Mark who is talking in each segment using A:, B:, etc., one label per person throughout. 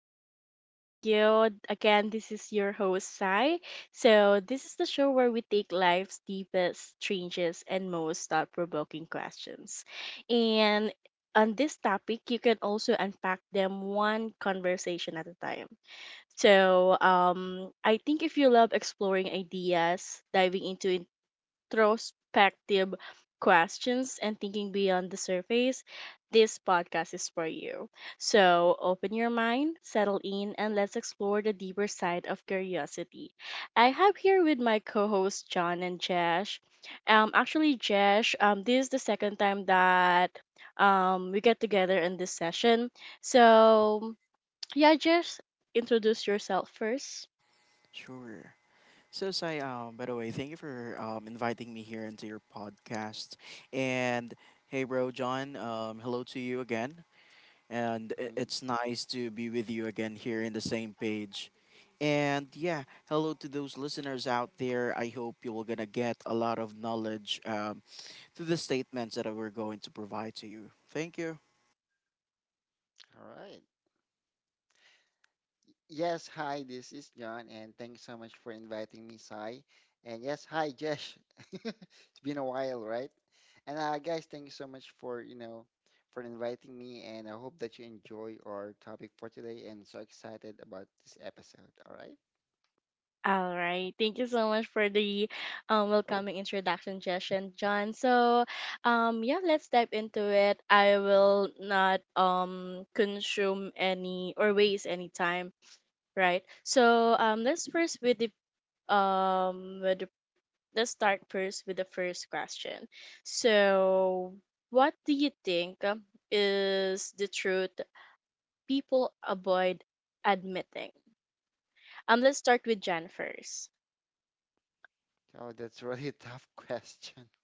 A: Space Studio. Again, this is your host, Sai. So, this is the show where we take life's deepest, strangest, and most thought provoking questions. And on this topic, you can also unpack them one conversation at a time. So, I think if you love exploring ideas, diving into introspective questions and thinking beyond the surface, this podcast is for you. So open your mind, settle in, and let's explore the deeper side of curiosity. I have here with my co-hosts John and Jesh. Actually, Jesh, this is the second time that we get together in this session. So yeah, Jesh, introduce yourself first.
B: Sure. So Sai, by the way, thank you for inviting me here into your podcast. And hey, bro, John, hello to you again. And
C: Mhm.
B: it's nice to be with you again here in the same page. And yeah, hello to those listeners out there. I hope you will gonna get a lot of knowledge through the statements that we're going to provide to you. Thank you.
C: All right. Yes, hi, this is John, and thanks so much for inviting me, Sai. And yes, hi, Jesh. It's been a while, right? And guys, thank you so much for, you know, for inviting me, and I hope that you enjoy our topic for today. I'm so excited about this episode, all right?
A: All right. Thank you so much for the welcoming introduction, Jesh and John. So, yeah, let's dive into it. I will not consume any or waste any time, right? So, um with the, let's start first with the first question. So, what do you think is the truth people avoid admitting? Let's start with Jan first.
C: Oh, that's really a tough question.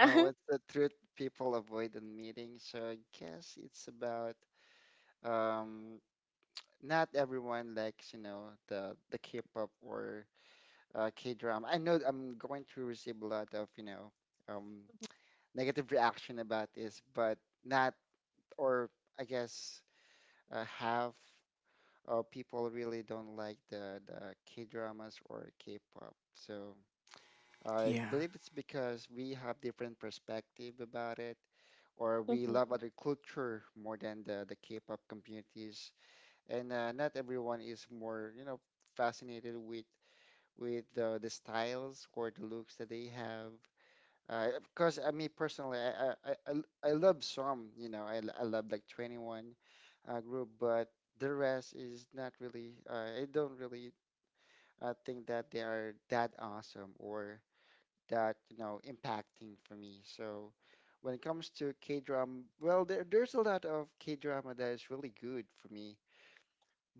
C: What's the truth people avoid in meetings? So I guess it's about um, not everyone likes, you know, the K-pop or K-drama. I know I'm going to receive a lot of, you know, um, negative reaction about this, but not, or I guess half of people really don't like the K-dramas or K-pop. So I
B: Yeah.
C: believe it's because we have different perspective about it, or we love
A: Mhm.
C: other culture more than the K-pop communities, and not everyone is more, you know, fascinated with the styles or the looks that they have. Of course, I mean personally, I love some, you know, I love like 21 group, but the rest is not really. I don't really think that they are that awesome or that you know impacting for me. So when it comes to K drama, well, there's a lot of K drama that is really good for me.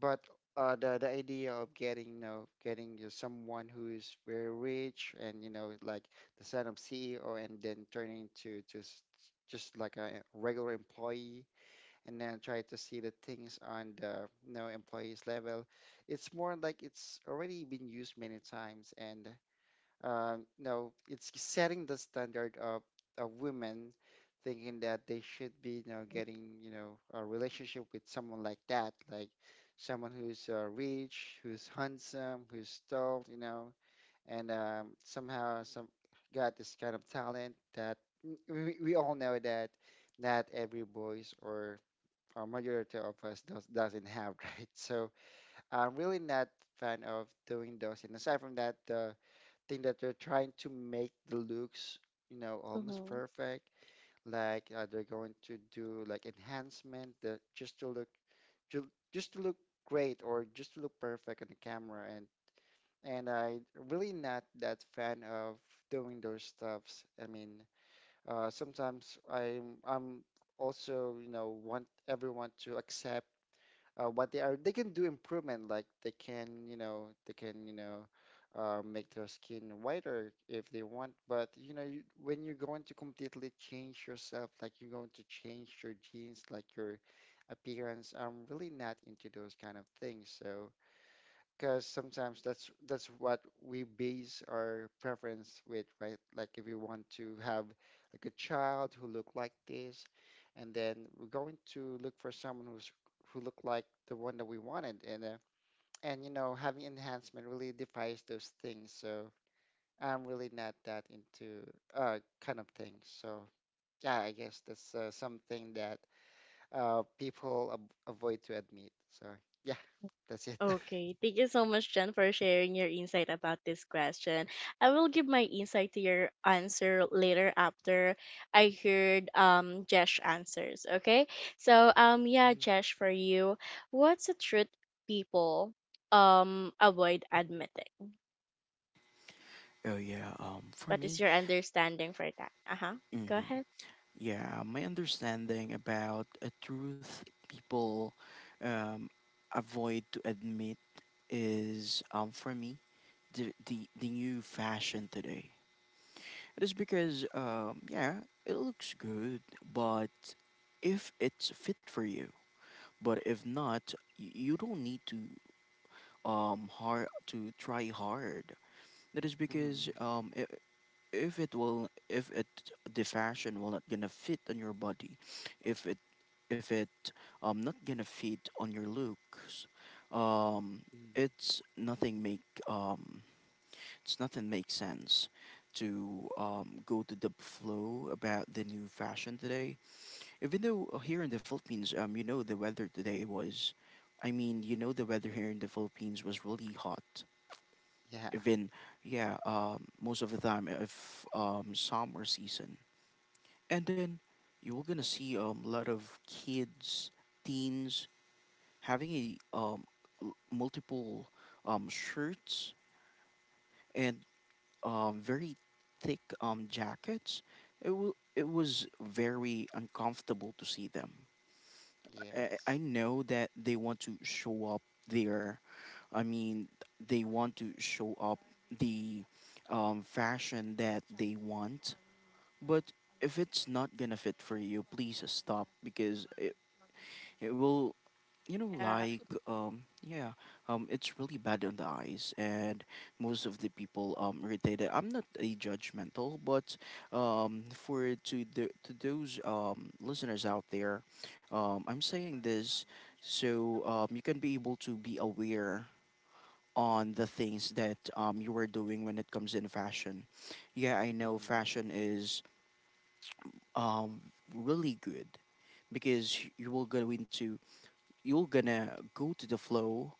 C: But the idea of getting, you know, getting you someone who is very rich and you know, like the son of CEO, and then turning to just like a regular employee, and then try to see the things on the you know employees level. It's more like it's already been used many times, and no, it's setting the standard of a woman thinking that they should be, you know, getting, you know, a relationship with someone like that, like someone who's rich, who's handsome, who's tall, you know, and somehow some got this kind of talent that we all know that not every boys or majority of us does, doesn't have, right? So I'm really not fan of doing those. And aside from that, the think that they're trying to make the looks, you know, almost
A: Mm-hmm.
C: perfect. Like they're going to do like enhancement that just to look just to look great or just to look perfect on the camera. And I really not that fan of doing those stuffs. I mean, sometimes I'm also you know want everyone to accept what they are they can do improvement like they can you know they can you know make their skin whiter if they want, but you know you, when you're going to completely change yourself like you're going to change your genes like your appearance, I'm really not into those kind of things. So because sometimes that's what we base our preference with, right? Like if we want to have like a child who look like this, and then we're going to look for someone who's who look like the one that we wanted, and you know having enhancement really defies those things. So I'm really not that into kind of things. So yeah, I guess that's something that people ab avoid to admit. So yeah, that's it.
A: Okay, thank you so much, Jen, for sharing your insight about this question. I will give my insight to your answer later after I heard Jesh answers. Okay, so yeah, Jesh, for you, what's the truth people avoid admitting?
B: Oh yeah. For
A: What is
B: me.
A: your understanding for that? Uh huh. Go
B: Mhm.
A: ahead.
B: Yeah, my understanding about a truth people um, avoid to admit is, for me, the new fashion today. It is because, yeah, it looks good, but if it's fit for you, but if not, you don't need to hard to try hard. That is
C: Mhm.
B: because I- if it will if it the fashion will not gonna fit on your body, if it if it not gonna fit on your looks. um
C: Mhm.
B: it's nothing make um it's nothing makes sense to go to the flow about the new fashion today, even though here in the Philippines, the weather today was, I mean, the weather here in the Philippines was really hot.
C: Yeah.
B: Even, yeah, most of the time if summer season, and then you're gonna see a lot of kids, teens, having a multiple shirts and very thick jackets. It was very uncomfortable to see them. I
C: Yes.
B: know that they want to show up their— I mean, they want to show up the fashion that they want. But if it's not gonna fit for you, please stop, because it will, like yeah, it's really bad on the eyes, and most of the people irritated. I'm not a judgmental, but for to the to those listeners out there, I'm saying this, so you can be able to be aware on the things that you are doing when it comes in fashion. Yeah, I know
C: Mm,
B: fashion is um really good, because you're gonna go to the flow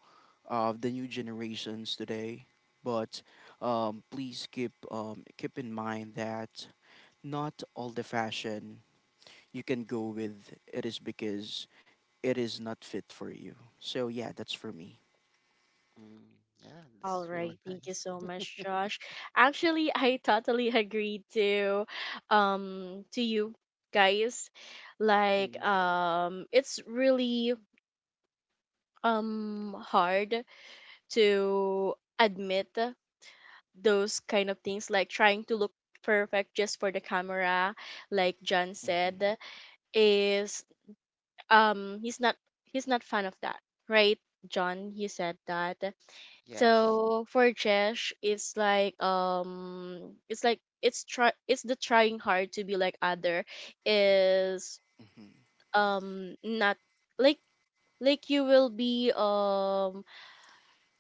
B: of the new generations today. But please keep in mind that not all the fashion you can go with, it is because it is not fit for you. So yeah, that's for me.
C: mm, yeah,
A: All
C: that's really
A: right, thank you
C: nice.
A: so much, Josh. Actually, I totally agree to you guys. Like
C: Mm,
A: it's really hard to admit those kind of things like trying to look perfect just for the camera, like John
B: Hmm.
A: said, is um he's not he's not fan of that, right? John, you said that.
C: yes.
A: So for Jesh, it's like it's like it's the trying hard to be like other is
B: Hmm.
A: not like like you will be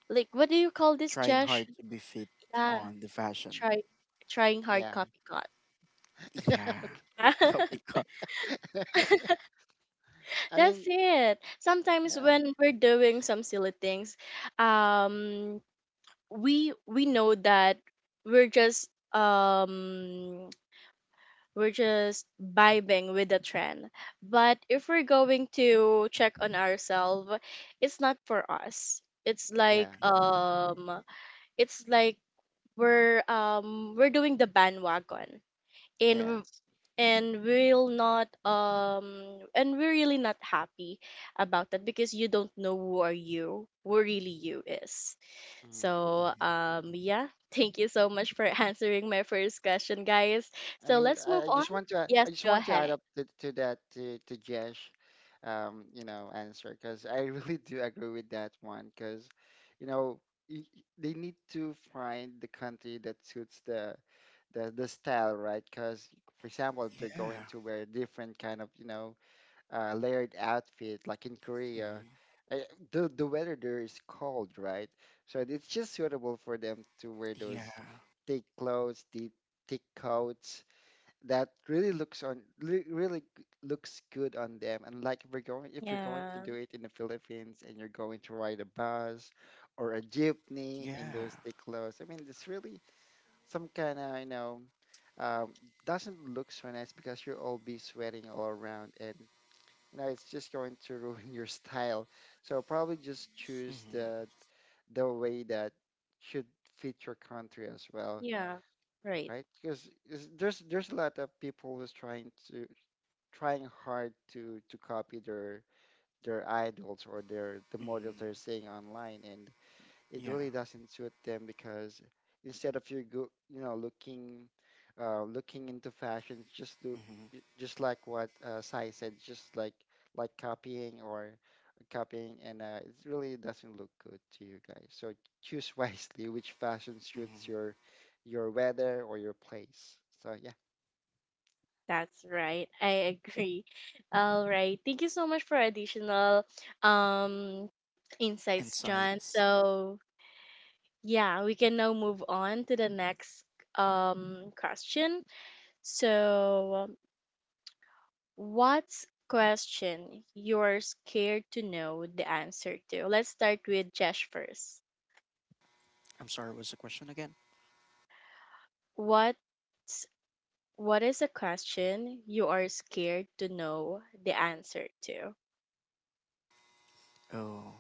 A: like what do you call this,
B: Trying
A: Jesh?
B: hard to be fit
A: Yeah,
B: on the fashion.
A: try trying hard
C: Yeah.
A: copycat.
B: Yeah, copy cut.
C: I
A: That's
C: mean,
A: it. Sometimes
C: yeah.
A: when we're doing some silly things, um, we know that we're just um we're just vibing with the trend. But if we're going to check
B: Hmm.
A: on ourselves, it's not for us.
C: Yeah.
A: It's like we're doing the bandwagon and w-
C: Yes.
A: and we'll not and we're really not happy about that because you don't know who are you who really you is.
C: Mm.
A: So,
B: Hmm.
A: yeah, thank you so much for answering my first question, guys.
C: I
A: So
C: mean,
A: let's move
C: I, I
A: on.
C: just want to
A: Yes,
C: I just
A: go
C: want to add
A: ahead.
C: up to that to Jesh, you know, answer, because I really do agree with that one because, you know, they need to find the country that suits the style, right? Because, for example, they're going
B: Yeah.
C: to wear different kind of, you know, layered outfit like in Korea.
B: Hmm.
C: I, the weather there is cold, right? So it's just suitable for them to wear those
B: Yeah.
C: thick clothes, the thick coats that really looks on li- really g- looks good on them. And like we're going if you're going to
A: Yeah,
C: do it in the Philippines and you're going to ride a bus or a jeepney in
B: Yeah.
C: those thick clothes, I mean it's really some kind of you know um, doesn't look so nice because you'll all be sweating all around, and you know it's just going to ruin your style. So probably just choose
B: Hmm.
C: the way that should fit your country as well,
A: yeah, right.
C: right? Because there's a lot of people who's trying to trying hard to copy their idols or the models they're seeing online, and it
B: Yeah.
C: really doesn't suit them because instead of you go you know looking looking into fashion just look
B: Hmm.
C: just like what Sai said, just like copying or copying, and it really doesn't look good to you guys. So choose wisely which fashion suits your weather or your place. So yeah.
A: That's right. I agree. All right. Thank you so much for additional um insights, John.
B: Insights.
A: So yeah, we can now move on to the next question. So what's question you're scared to know the answer to? Let's start with Jesh first.
B: I'm sorry, what's the question again?
A: What's what is a question you are scared to know the answer to?
B: Oh,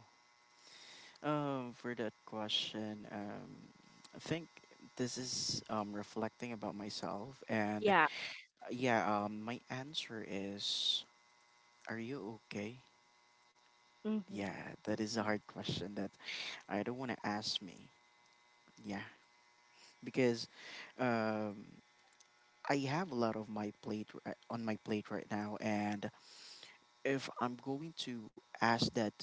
B: for that question, I think this is reflecting about myself, and
A: Yeah.
B: yeah, my answer is, are you okay?
A: Mm-hmm.
B: Yeah, that is a
C: Mm-hmm.
B: hard question that I don't want to ask me. Yeah, because um, I have a lot of on my plate right now, and if I'm going to ask that,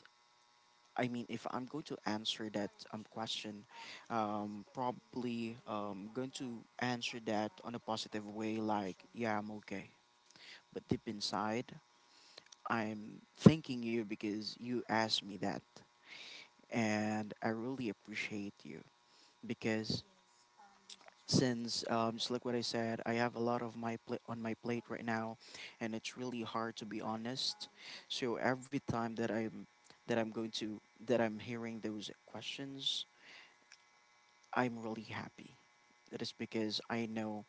B: I mean, if I'm going to answer that question, probably going to answer that on a positive way, like, yeah, I'm okay. But deep inside, I'm thanking you because you asked me that. And I really appreciate you, because since, just like what I said, I have a lot of my plate on my plate right now, and it's really hard to be honest. So every time that I'm going to that I'm hearing those questions, I'm really happy. That is because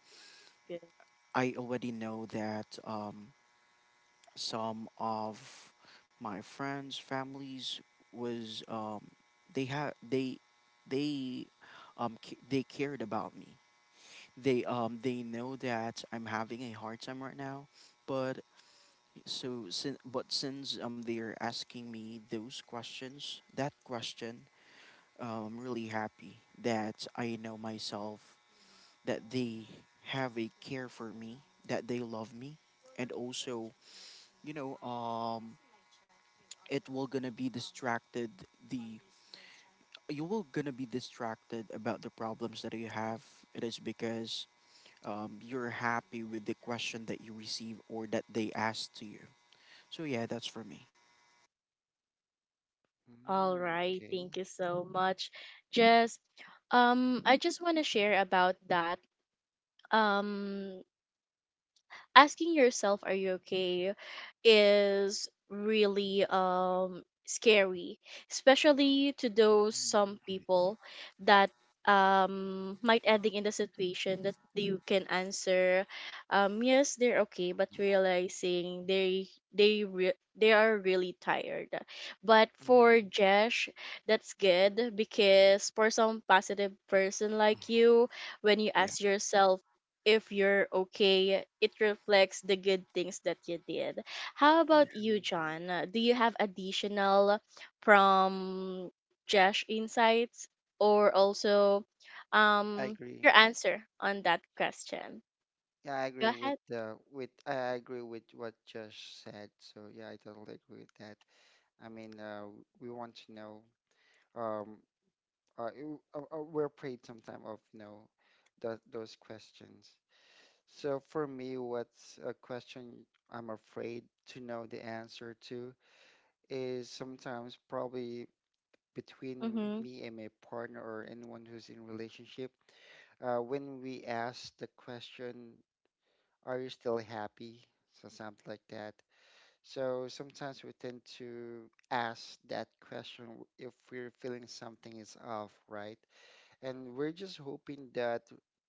A: Good.
B: I already know that some of my friends, families was, they had they they they cared about me. They know that I'm having a hard time right now, but— but since they are asking me those questions, that question, I'm really happy that I know myself, that they have a care for me, that they love me, and also, you know, um, it will gonna be distracted. The You will gonna be distracted about the problems that you have. It is because you're happy with the question that you receive or that they ask to you. So yeah, that's for me.
A: All
C: Mm,
A: right.
C: okay.
A: Thank you so much, Jess. I just want to share about that. Um, Asking yourself are you okay is really scary, especially to those some
C: Mm-hmm.
A: people that might ending in the situation that you can answer yes they're okay but realizing they they re- they are really tired, but for
C: Mm-hmm.
A: Jesh that's good because for some positive person like you, when you
B: Yeah,
A: ask yourself if you're okay, it reflects the good things that you did. How
B: yeah.
A: about you, John? Do you have additional from Josh insights or also
C: I agree.
A: your answer on that question?
C: Yeah, I
A: Go
C: agree with
A: ahead.
C: I agree with what Josh said. So yeah, I totally agree with that. I mean, we want to know. Um, we're afraid sometimes of you know, those questions. So for me, what's a question I'm afraid to know the answer to is sometimes probably between
A: Mm-hmm.
C: me and my partner or anyone who's in relationship. When we ask the question, "Are you still happy?" So something like that. So sometimes we tend to ask that question if we're feeling something is off, right? And we're just hoping that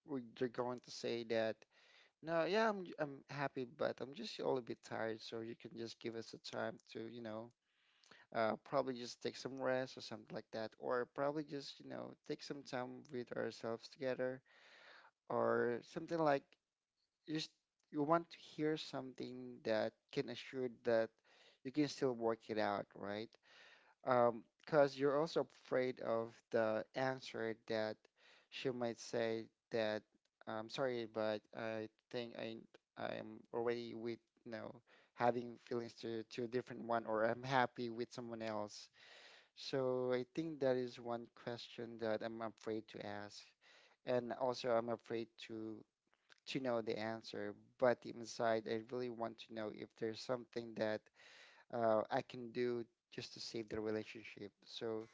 C: they're going to say that, no, yeah, I'm happy, but I'm just a little bit tired, so you can just give us the time to, you know, probably just take some rest or something like that, or probably just, you know, take some time with ourselves together or something like you just you want to hear something that can assure that you can still work it out, right? Because you're also afraid of the answer that she might say that I'm sorry, but I think I'm already with you know having feelings to a different one, or I'm happy with someone else. So I think that is one question that I'm afraid to ask, and also I'm afraid to know the answer, but inside, I really want to know if there's something that I can do just to save the relationship. So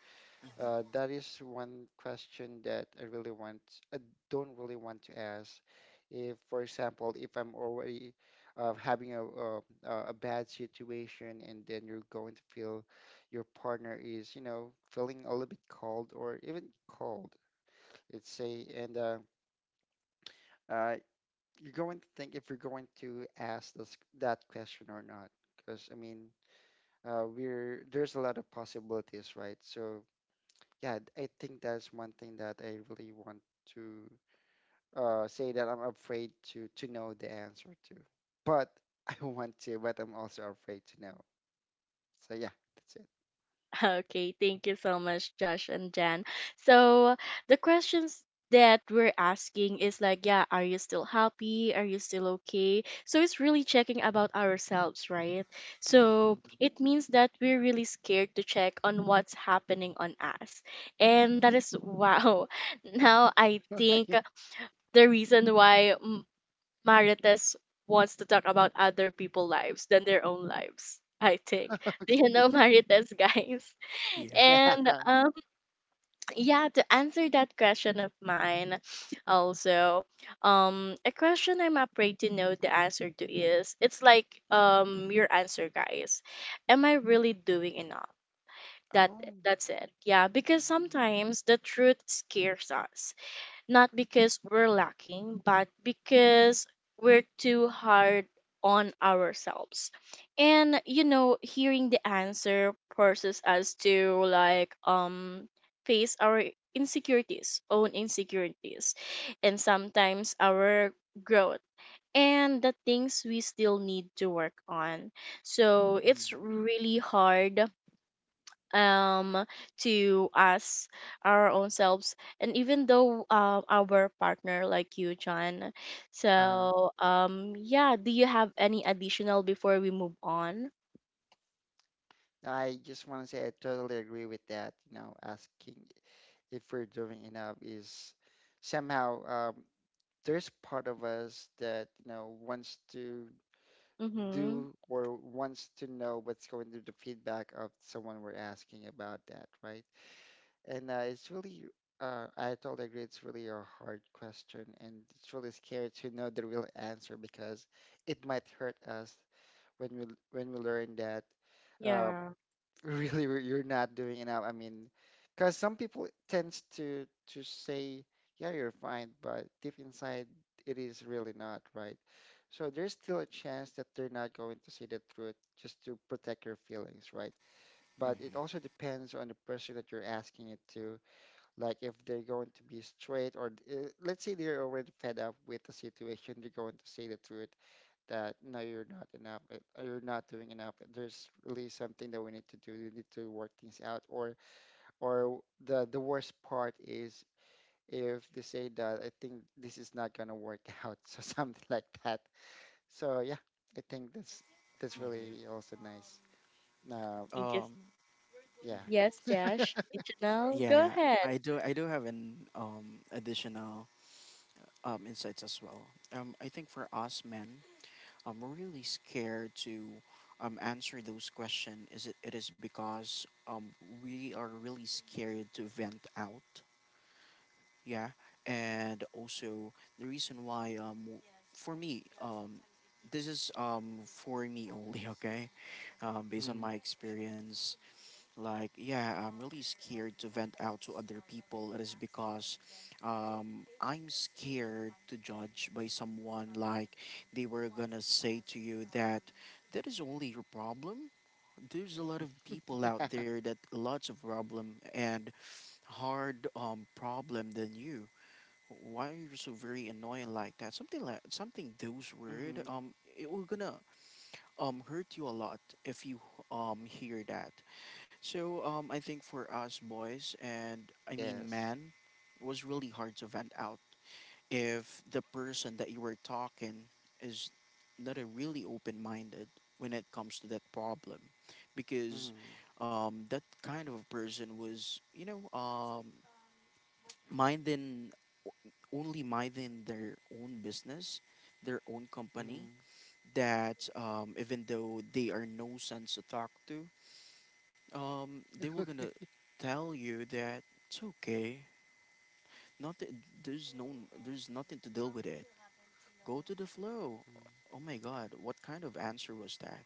C: that is one question that I really want, I don't really want to ask. If, for example, if I'm already having a bad situation, and then you're going to feel your partner is, you know, feeling a little bit cold or even cold, let's say, and uh, you're going to think if you're going to ask that question or not. Because, I mean, we're there's a lot of possibilities, right? So, yeah, I think that's one thing that I really want to say that I'm afraid to know the answer to. But I want to, but I'm also afraid to know. So, yeah, that's it.
A: Okay, thank you so much, Josh and Jan. So the questions that we're asking is like, yeah, are you still happy? Are you still okay? So it's really checking about ourselves, right?
B: Hmm,
A: So
C: Mm.
A: it means that we're really scared to check on what's happening on us. And that is wow. Now I think the reason why Marites wants to talk about other people's lives than their own lives. I think. Do you
C: Okay.
A: know Marites, guys?
B: yeah.
C: Yeah.
A: And yeah, to answer that question of mine, also, a question I'm afraid to know the answer to is it's like your answer, guys. Am I really doing enough? That
C: Oh.
A: that's it. Yeah, because sometimes the truth scares us not because we're lacking, but because we're too hard on ourselves. And you know, hearing the answer forces us to like face our insecurities, own insecurities, and sometimes our growth and the things we still need to work on. So it's
C: Mm.
A: really hard um to us our own selves and even though our partner like you, John.
C: Uh,
A: So yeah, do you have any additional before we move on?
C: I just want to say I totally agree with that, you know, asking if we're doing enough is somehow there's part of us that you know wants to
A: Mm-hmm.
C: do or wants to know what's going to the feedback of someone we're asking about that, right? And it's really I totally agree, it's really a hard question, and it's really scary to know the real answer because it might hurt us when we when we learn that uh,
A: Yeah,
C: you're not doing enough. I mean, because some people tends to say, yeah, you're fine, but deep inside it is really not, right? So there's still a chance that they're not going to see the truth just to protect your feelings, right? But it
B: Hmm.
C: also depends on the person that you're asking it to, like if they're going to be straight or let's say they're already fed up with the situation, they're going to say the truth that no, you're not enough, you're not doing enough. There's really something that we need to do. We need to work things out. Or the worst part is if they say that I think this is not gonna work out, so something like that. So yeah, I think that's really also nice. Uh,
A: you just,
B: Um,
C: yeah.
A: yes, Josh, additional, go
B: yeah,
A: ahead.
B: I do. I do have an additional insights as well. I think for us men, I'm really scared to answer those questions. It is because we are really scared to vent out. Yeah. And also the reason why for me, this is, for me only. Okay, based on
C: Hmm.
B: my experience. Like, yeah, I'm really scared to vent out to other people. It is because I'm scared to judge by someone. Like, they were gonna say to you that that is only your problem. There's a lot of people
C: Yeah.
B: out there that lots of problem and hard, problem than you. Why are you so very annoying like that? Something those word,
C: Mm-hmm.
B: it will gonna hurt you a lot if you hear that. So I think for us boys, and I mean
C: Yes.
B: men, it was really hard to vent out if the person that you were talking is not a really open minded when it comes to that problem, because
C: Mm-hmm.
B: that kind of a person was, minding only minding their own business, their own company.
C: Mm-hmm.
B: That, even though they are no sense to talk to, they were gonna tell you that it's okay, not that there's no there's nothing to deal with it, go to the flow. Oh my god, what kind of answer was that?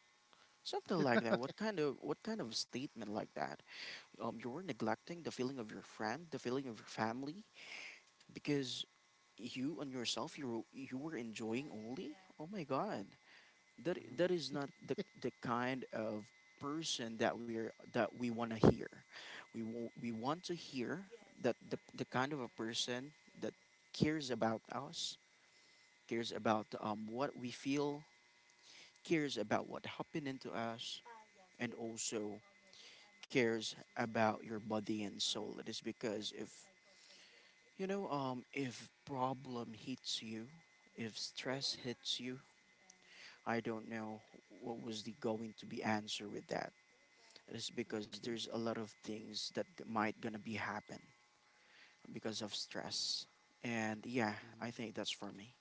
B: Something like that. What kind of statement like that? You were neglecting the feeling of your friend, the feeling of your family, because you and yourself, you were enjoying only. Oh my god, that is
C: Mm-hmm.
B: not the kind of person that we want to hear. We want to hear that the kind of a person that cares about us, cares about what we feel, cares about what happened to us, and also cares about your body and soul. It is because, if if problem hits you, if stress hits you, I don't know what was the going to be answer with that. Is because there's a lot of things that might gonna be happen because of stress. And yeah, I
C: Okay.
B: think that's for me.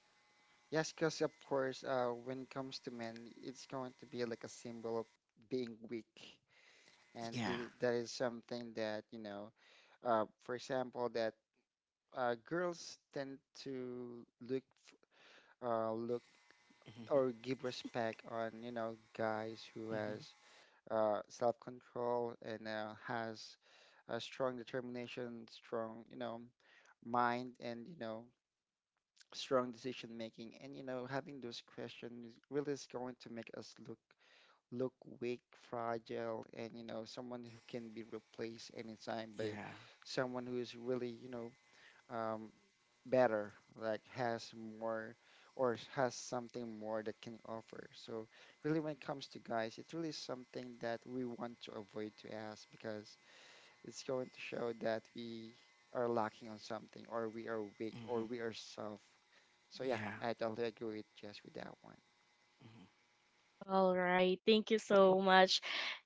C: Yes, because of course, when it comes to men, it's going to be like a symbol of being weak, and
B: Yeah.
C: th that is something that for example, that girls tend to look
B: Hmm.
C: or give respect on guys who
B: hmm
C: has self-control and has a strong determination, strong mind, and strong decision making and having those questions really is going to make us look weak, fragile, and someone who can be replaced anytime by
B: Yeah.
C: someone who is really um, better, like has more or has something more that can offer. So really, when it comes to guys, it's really something that we want to avoid to ask because it's going to show that we are lacking on something or we are weak
B: Hmm.
C: or we are soft. So yeah,
B: Yeah.
C: I totally agree with just with that one.
A: All right, thank you so much,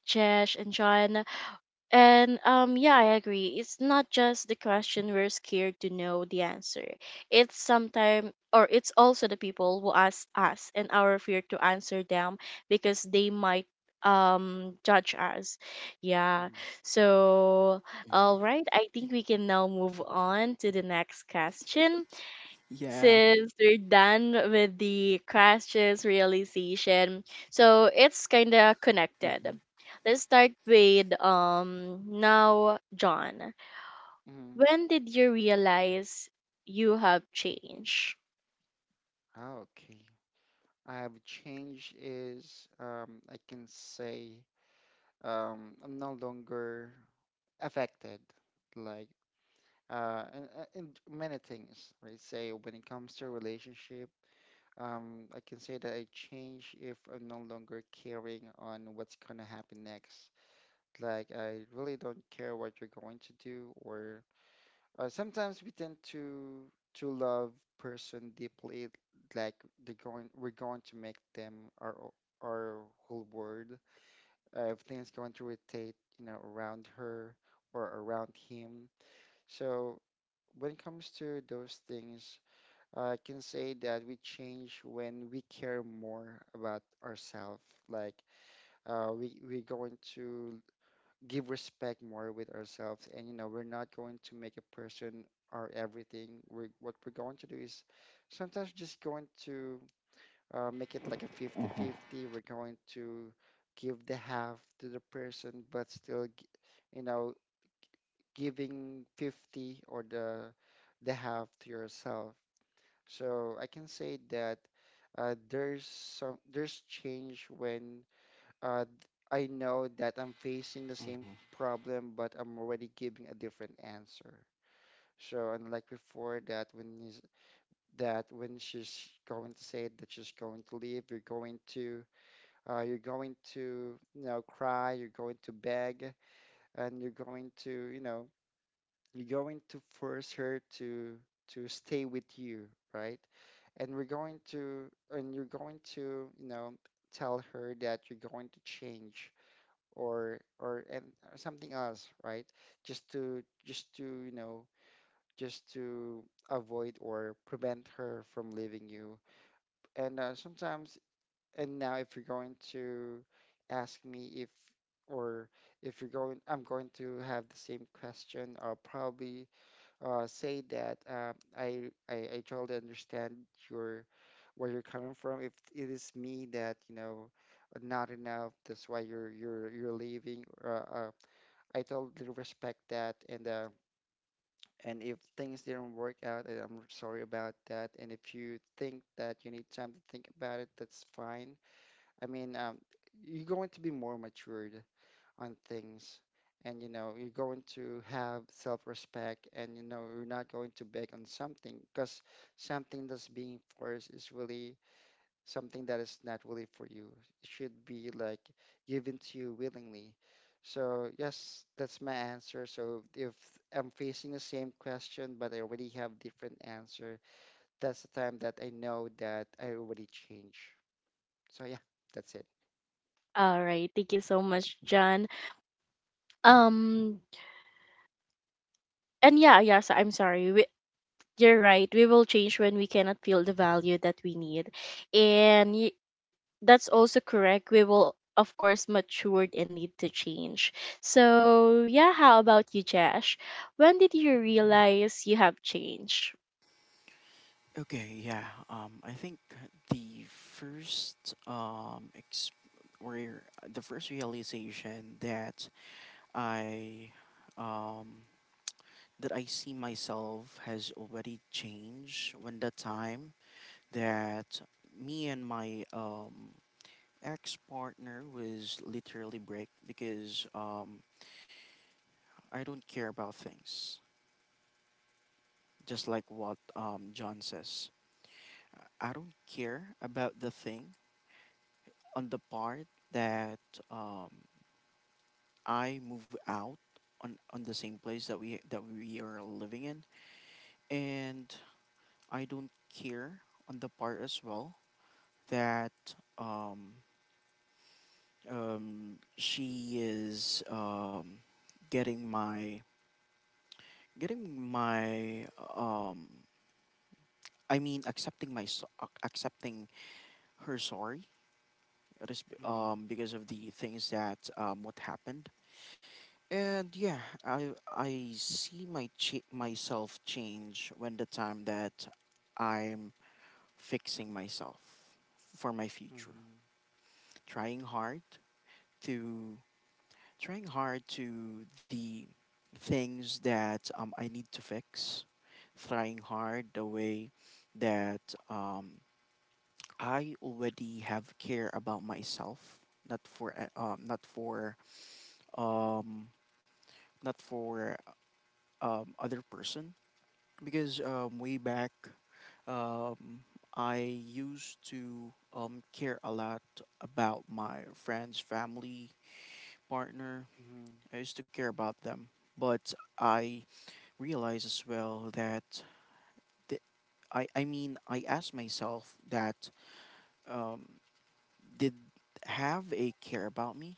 A: Josh and John. And yeah, I agree. It's not just the question we're scared to know the answer. It's sometimes, or it's also the people who ask us and our fear to answer them because they might judge us. Yeah.
C: Mm-hmm.
A: So
B: Hmm.
A: all right, I think we can now move on to the next question
B: Yeah.
A: since we're done with the crashes realization. So it's kind of connected.
B: Hmm.
A: Let's start with now John.
C: Hmm.
A: When did you realize you have changed?
C: Okay. I have changed is I can say I'm no longer affected, like, in many things. Right? Say when it comes to relationship, I can say that I change if I'm no longer caring on what's gonna happen next. Like, I really don't care what you're going to do, or sometimes we tend to love person deeply, like we're going to make them our o- our whole world. Everything's going to rotate, around her or around him. So when it comes to those things, I can say that we change when we care more about ourselves. Like, we're going to give respect more with ourselves, and we're not going to make a person our everything. What we're going to do is sometimes just going to make it like a
B: Hmm.
C: 50-50. We're going to give the half to the person, but still you know giving 50 or the half to yourself. So I can say that there's change when uh, th- I know that I'm facing the same problem, but I'm already giving a different answer. So unlike before, that when she's going to say that she's going to leave, you're going to cry, you're going to beg, and you're going to force her to stay with you, right? And we're going to and you're going to you know tell her that you're going to change, or or and or something else, right? Just to just to you know just to avoid or prevent her from leaving you. And sometimes, and now if you're going to ask me if, or if you're going I'm going to have the same question, I'll probably say that I, I totally understand your where you're coming from. If it is me that not enough, that's why you're leaving. I totally respect that. And if things didn't work out, and I'm sorry about that. And if you think that you need time to think about it, that's fine. I mean, you're going to be more matured on things, and you're going to have self-respect, and you're not going to beg on something because something that's being forced is really something that is naturally for you. It should be like given to you willingly. So yes, that's my answer. So if I'm facing the same question, but I already have different answer, that's the time that I know that I already changed. So yeah, that's it.
A: All right, thank you so much, John. Um and yeah, yeah, so I'm sorry. You're right. We will change when we cannot feel the value that we need. And that's also correct. We will, of course, matured and need to change. So, yeah, how about you, Jash? When did you realize you have changed?
B: Okay, yeah. I think the first um ex- the first realization I um that I see myself has already changed, when that time that me and my ex partner was literally break, because I don't care about things. Just like what John says, I don't care about the thing on the part that um, I move out on the same place that we are living in, and I don't care on the part as well that um, she is getting my getting my um, I mean accepting accepting her sorry. It is b-
C: Mhm,
B: um, because of the things that what happened. And yeah, I see myself change when the time that I'm fixing myself for my future,
C: mhm,
B: trying hard to trying hard to the things that I need to fix, trying hard the way that um, I already have care about myself, not for uh, um, not for um, not for other person. Because way back, um, I used to care a lot about my friends, family, partner.
C: mhm,
B: I used to care about them, but I realize as well that the, I mean I asked myself that, um, did have a care about me?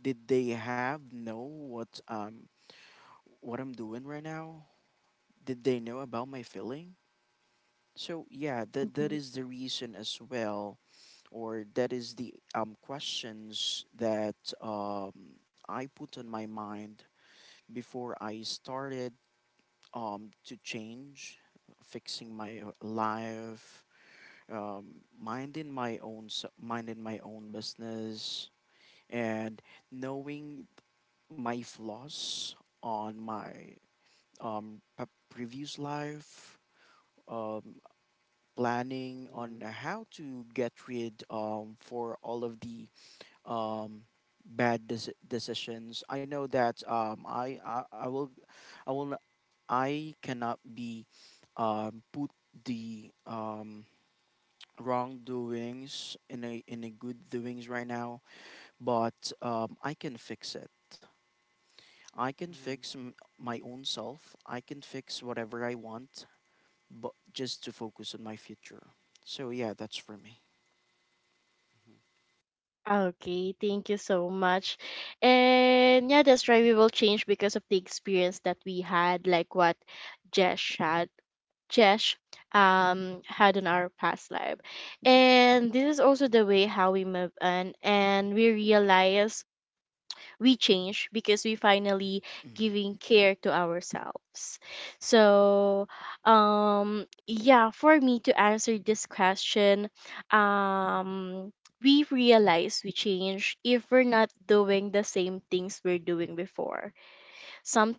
B: Did they have know what I'm doing right now? Did they know about my feeling? So yeah, that
A: Mhm.
B: is the reason as well, or that is the questions that I put on my mind before I started to change, fixing my life, minding my own business, and knowing my flaws on my previous life, um, planning
C: mhm,
B: on how to get rid, for all of the um, bad decisions. I know that I cannot be, put the wrongdoings in a good doings right now, but I can fix it, I can
C: mhm,
B: fix my own self, I can fix whatever I want, but just to focus on my future. So yeah, that's for me.
C: mhm,
A: Okay, thank you so much. And yeah, that's right. We will change because of the experience that we had, like what Jesh had. Jesh had in our past life. And this is also the way how we move on and we realize we change because we finally
B: Hmm.
A: giving care to ourselves. So, yeah, for me to answer this question, um, we realize we change if we're not doing the same things we're doing before.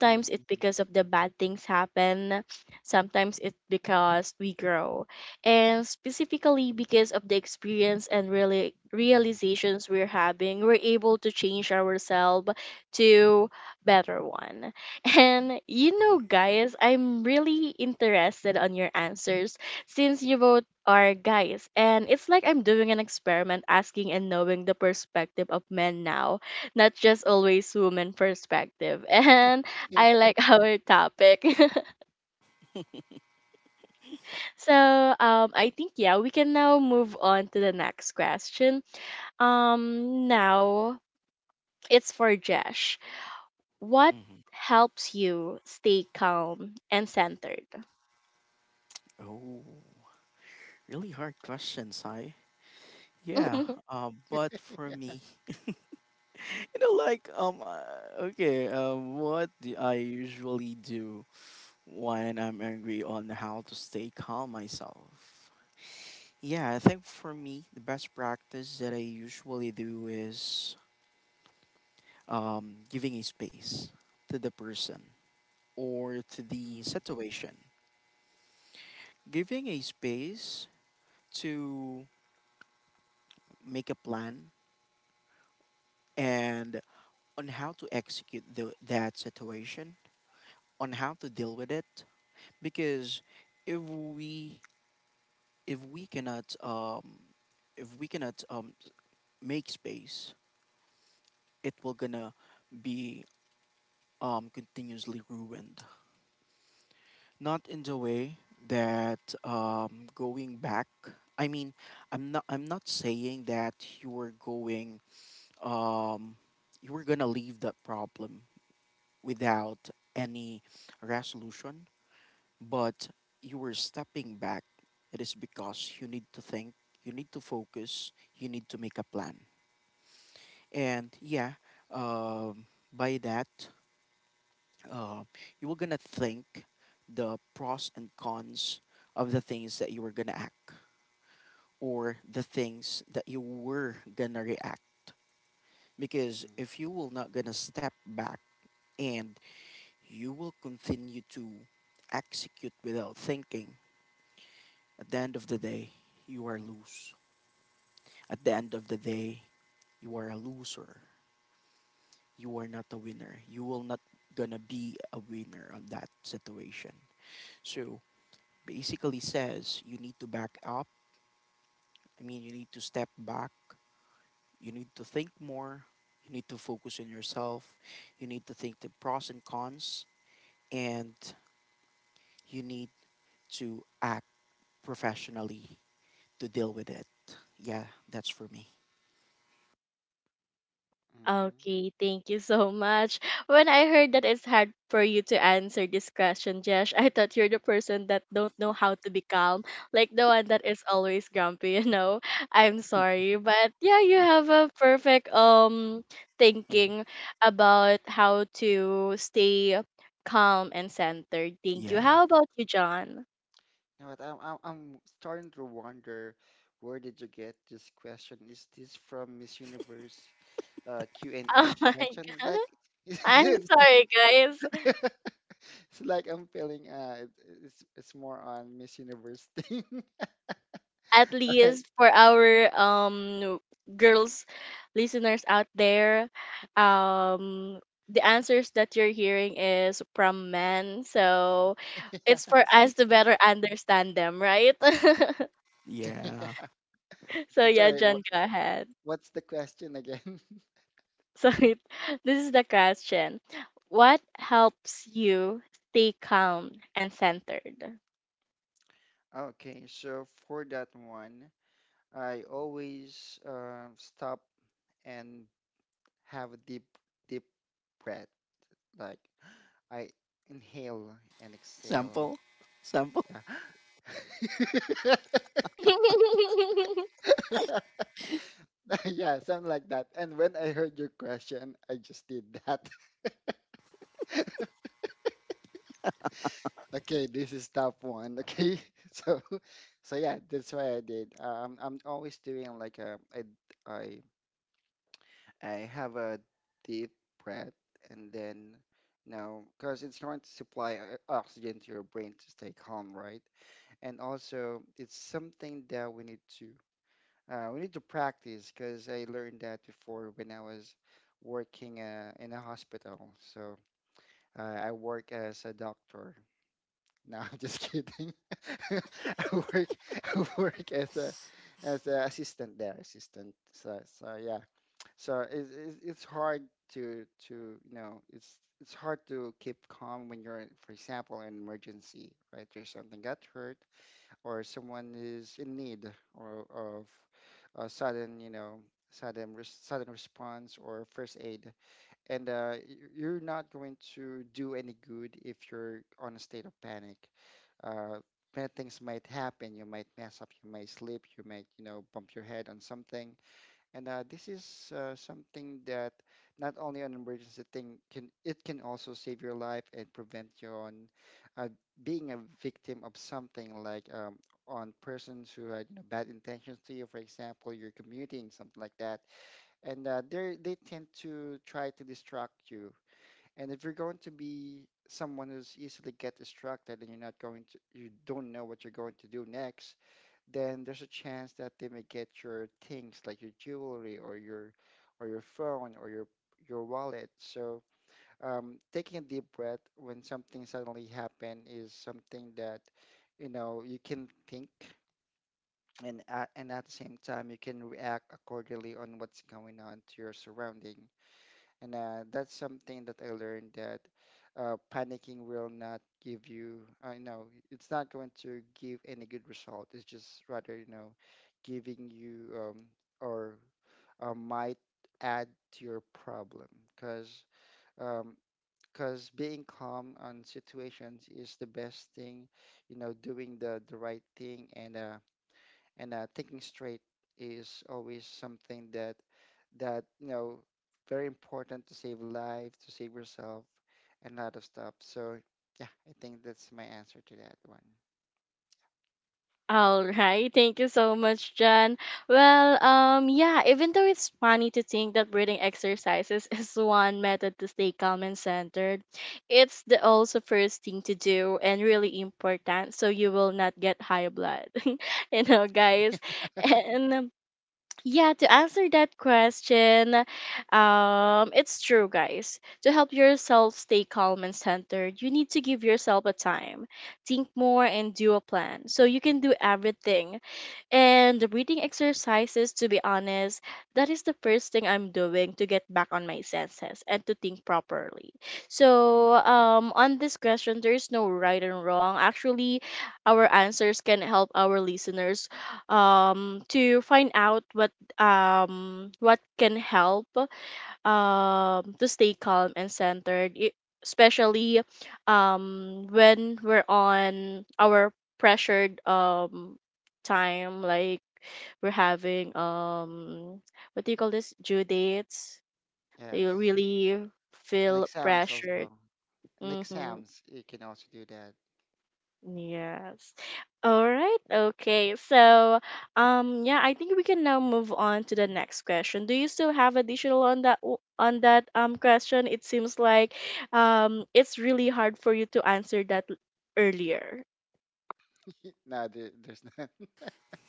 C: mhm,
A: it's
C: mhm.
A: because of the bad things happen. Sometimes it's because we grow. And specifically because of the experience and really realizations we're having, we're able to change ourselves to better one. And you
B: Hmm.
A: know guys, I'm really interested on your answers since you both are guys and it's like I'm doing an experiment asking and knowing the perspective of men now, not just always woman perspective. And
C: Yeah.
A: I like our topic. So I think yeah, we can now move on to the next question. Now it's for Jesh. What
B: Hmm.
A: helps you stay calm and centered?
B: Oh, really hard questions. I Yeah. But for me, like, okay, what do I usually do when I'm angry, on how to stay calm myself. Yeah, I think for me, the best practice that I usually do is giving a space to the person or to the
C: Mm,
B: situation. Giving a space to make a plan and on how to execute that situation, on how to deal with it. Because if we if we cannot if we cannot make space it will gonna be continuously ruined. Not in the way that going back. I mean, I'm not saying that you were going um you were gonna leave that problem without any resolution, but you were stepping back. It is because you need to think, you need to focus, you need to make a plan. And yeah, um, by that, uh, you were gonna think the pros and cons of the things that you were gonna act or the things that you were gonna react. Because
C: mm,
B: if you will not gonna step back and you will continue to execute without thinking, at the end of the day you are loose, at the end of the day you are a loser, you are not a winner, you will not gonna be a winner on that situation. So basically says you need to back up. I mean, you need to step back. You need to think more. You need to focus on yourself. You need to think the pros and cons. And you need to act professionally to deal with it. Yeah, that's for me.
C: mm, mm.
A: Okay, thank you so much. When I heard that it's hard for you to answer this question, Jesh, I thought you're the person that don't know how to be calm, like the one that is always grumpy, you know. I'm sorry, but yeah, you have a perfect
B: Mm,
A: thinking about how to stay calm and centered. Thank you.
B: yeah.
A: How about you, John?
C: You know what? I'm starting to wonder, where did you get this question? Is this from Miss Universe
A: Oh
C: Q&A
A: my
C: question? It's
A: god.
C: like
A: I'm
C: it's like
A: sorry, guys.
C: it's like I'm feeling it's more on Miss Universe thing,
A: At
C: right?
A: least for our girls listeners out there, um the answers that you're hearing is from men, so
C: Yeah.
A: it's for us to better understand them, right?
B: Yeah.
C: Yeah.
A: So
C: I'm
A: yeah,
C: sorry.
A: John,
C: What
A: go ahead.
C: what's the question again?
A: So this is the question, what helps you stay calm and centered?
C: Okay, so for that one, I always stop and have a deep, deep breath. Like I inhale and exhale.
B: Sample. Sample.
C: Yeah. Yeah, something like that. And when I heard your question, I just did that. Okay, this is tough one. Okay, so yeah, that's why I did. I'm always doing like a, I I have a deep breath, and then now, because it's going to supply oxygen to your brain to stay calm, right? And also it's something that we need to practice, because I learned that before when I was working in a hospital. So I work as a doctor. No, I'm just kidding. I work I work as a as an assistant there, assistant. So yeah. So it's hard to you know it's hard to keep calm when you're, for example, in an emergency. Right? There's something got hurt, or someone is in need, or of a sudden, you know, sudden res sudden response or first aid, and you're not going to do any good if you're on a state of panic. Uh, Bad things might happen. You might mess up. You might slip. You might, you know, bump your head on something. And this is something that not only an emergency thing can, it can also save your life and prevent you on uh, being a victim of something, like on persons who had bad intentions to you. For example, you're commuting something like that, and they tend to try to distract you. And if you're going to be someone who's easily get distracted, and you don't know what you're going to do next, then there's a chance that they may get your things, like your jewelry, or your phone, or your wallet. So taking a deep breath when something suddenly happen is something that you can think, and at the same time, you can react accordingly on what's going on to your surrounding. And that's something that I learned, that panicking will not give you, I know, it's not going to give any good result. It's just rather, giving you, or might add to your problem. Because because being calm on situations is the best thing, doing the right thing, and thinking straight is always something that very important to save lives, to save yourself, and a lot of stuff. So yeah, I think that's my answer to that one.
A: All right, thank you so much, Jan. Well, yeah, even though it's funny to think that breathing exercises is one method to stay calm and centered, it's the also first thing to do and really important so you will not get high blood. You know, guys. And yeah, to answer that question, it's true, guys. To help yourself stay calm and centered, you need to give yourself a time, think more, and do a plan so you can do everything. And the breathing exercises, to be honest, that is the first thing I'm doing to get back on my senses and to think properly.
C: Mhm.
A: So, on this question, there is no right and wrong. Actually, our answers can help our listeners to find out what can help to stay calm and centered, especially when we're on our pressured time like we're having what do you call this, due dates, you
C: Yes,
A: really
C: and
A: feel
C: exams also.
A: pressured.
C: And
A: Hmm.
C: exams, you can also do that.
A: Yes. All right. Okay. So, yeah, I think we can now move on to the next question. Do you still have additional on that on that question? It seems like it's really hard for you to answer that earlier.
C: No, there's none.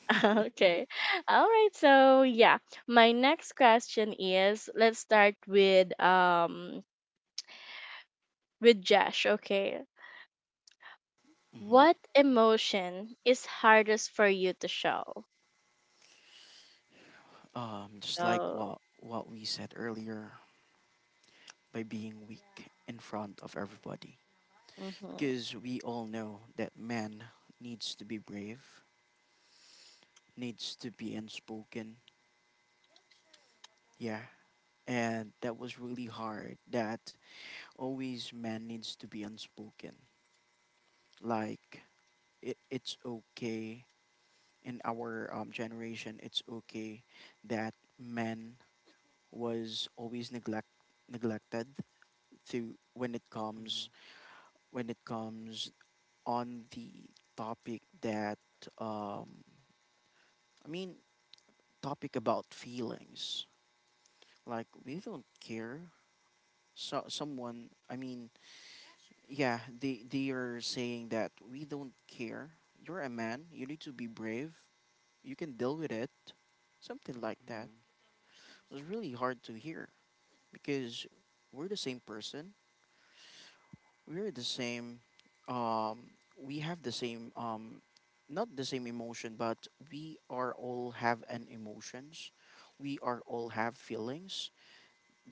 A: Okay. All right. So, yeah, my next question is, let's start with Josh, okay?
B: Hmm.
A: What emotion is hardest for you to show?
B: Just like
A: Oh,
B: what we said earlier, by being weak in front of everybody.
A: mm-hmm.
B: Because we all know that man needs to be brave, needs to be unspoken. Yeah. And that was really hard. That always man needs to be unspoken. Like, it's okay in our generation, it's okay that man was always neglected to when it
C: Mhm,
B: comes, when it comes on the topic that um I mean topic about feelings. Like we don't care. So someone, I mean, yeah, they are saying that we don't care. You're a man. You need to be brave. You can deal with it. Something like that.
C: mhm,
B: It was really hard to hear because we're the same person. We're the same. Um, we have the same. Not the same emotion, but we are all have an emotions. We are all have feelings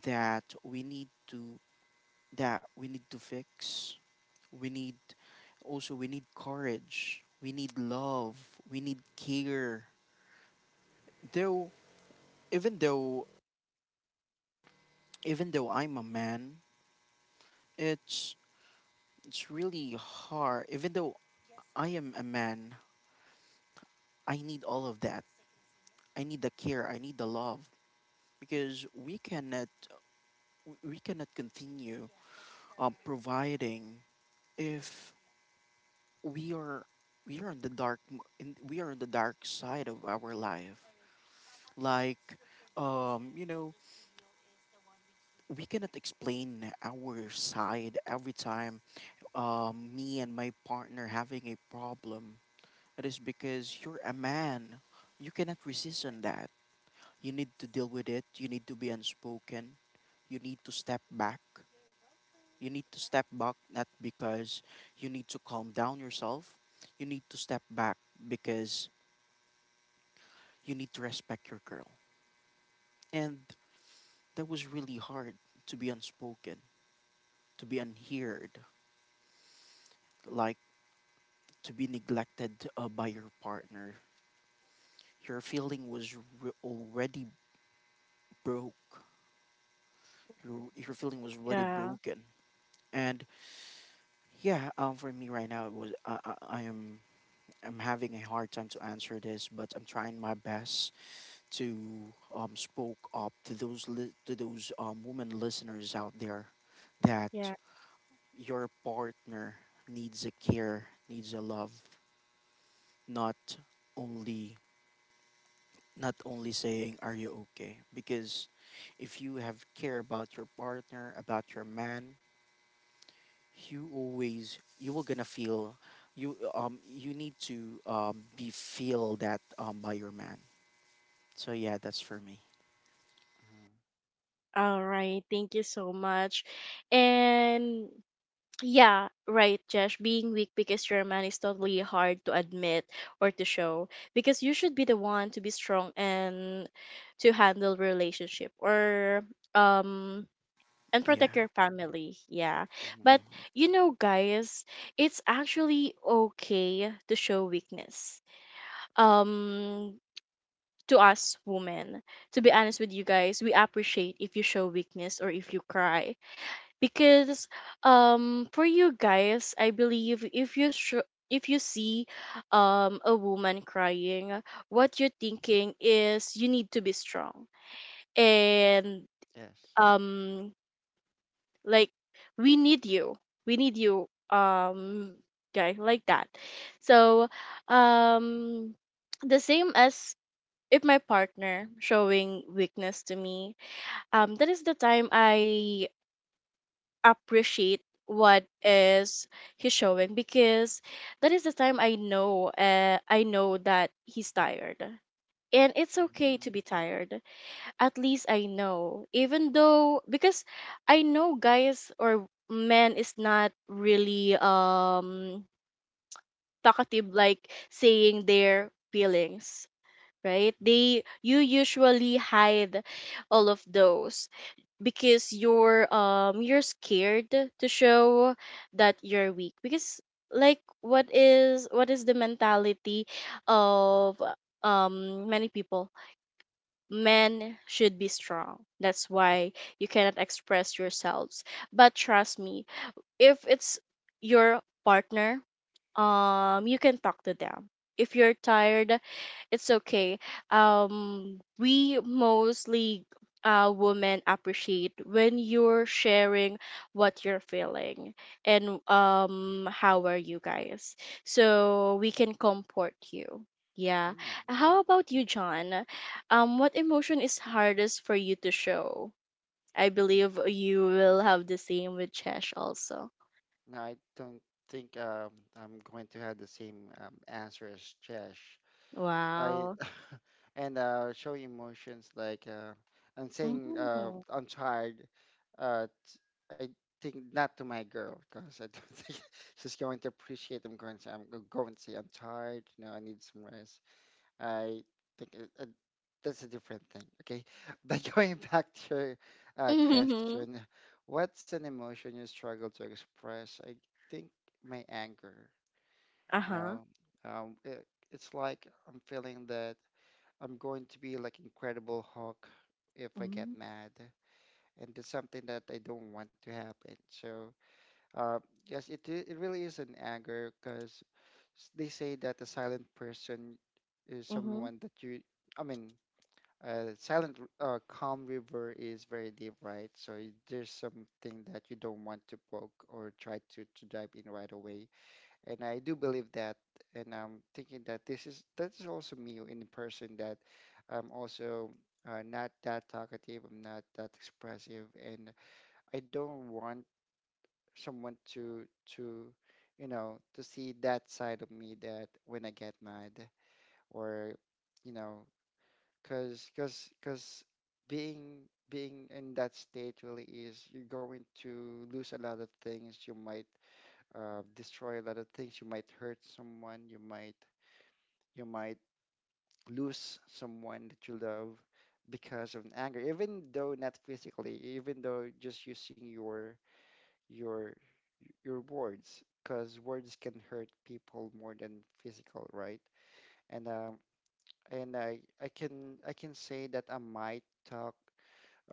B: that we need to, that we need to fix. We need, also we need courage, we need love, we need care. Though, even though, even though I'm a man, it's it's really hard. Even though I am a man, I need all of that. I need the care, I need the love. Because we cannot, we cannot continue providing if we are, we are on the dark we are on the dark side of our life. Like, um, you know, we cannot explain our side every time. Um, me and my partner having a problem, it is because you're a man, you cannot resist on that. You need to deal with it, you need to be unspoken, you need to step back. You need to step back not because you need to calm down yourself, you need to step back because you need to respect your girl. And that was really hard to be unspoken, to be unheard, like to be neglected by your partner. Your already broke. Your feeling was already
A: Yeah.
B: broken. And yeah, for me right now, it was I am, I'm having a hard time to answer this, but I'm trying my best to spoke up to to those women listeners out there that
A: Yeah.
B: your partner needs a care, needs a love, not only, not only saying are you okay? Because if you have care about your partner, about your man, you always you will gonna feel, you you need to be feel that by your man. So yeah, that's for me.
C: mhm,
A: All right. Thank you so much. And yeah, right, Josh. Being weak because you're a man is totally hard to admit or to show because you should be the one to be strong and to handle relationship or um and protect
B: Yeah.
A: your family. Yeah.
C: mhm.
A: But
B: Mhm.
A: you know, guys, it's actually okay to show weakness. Um to us women. To be honest with you guys, we appreciate if you show weakness or if you cry because for you guys, I believe if if you see a woman crying, what you're thinking is you need to be strong and
C: Yes.
A: um like we need you. We need you guy like that. So um the same as if my partner showing weakness to me, that is the time I appreciate what is he showing because that is the time I know that he's tired. And it's okay to
C: Mhm,
A: be tired. At least I know. Even though because I know guys or men is not really talkative like saying their feelings right
C: mhm.
A: they you usually hide all of those because you're scared to show that you're weak because like what is the mentality of many people, men should be strong, that's why you cannot express yourselves. But trust me, if it's your partner, you can talk to them. If you're tired, it's okay. We mostly women appreciate when you're sharing what you're feeling and how are you guys, so we can comfort you. Yeah,
C: Mm. Okay.
A: how about you, John? What emotion is hardest for you to show? I believe you will have the same with Chesh also.
C: No, I don't think I'm going to have the same answer as Chesh. I
A: Wow.
C: and show emotions, like I'm saying
A: Mm.
C: I'm tired. Uh, t- I think not to my girl, because I don't think she's going to appreciate. I'm going to say I'm tired. You know, I need some rest. I think I that's a different thing. Okay. But going back to your
A: Mhm.
C: question, what's an emotion you struggle to express? I think my anger, you
A: Uh-huh.
C: know, um, it, it's like I'm feeling that I'm going to be like Incredible Hulk if I get
A: Mm.
C: mad. And that's something that I don't want to happen. So, uh, yes, it really is an anger, because they say that a silent person is
A: Mhm.
C: someone I mean, calm river is very deep, right? So there's something that you don't want to poke or try to dive in right away. And I do believe that, and I'm thinking that this is that is also me in the person, that I'm also not that talkative. I'm not that expressive, and I don't want someone to you know to see that side of me, that when I get mad, or you know cause, being being in that state, really is, you're going to lose a lot of things. You might destroy a lot of things. You might hurt someone. You might lose someone that you love because of anger. Even though not physically, even though just using your your words, because words can hurt people more than physical, right? And I can say that I might talk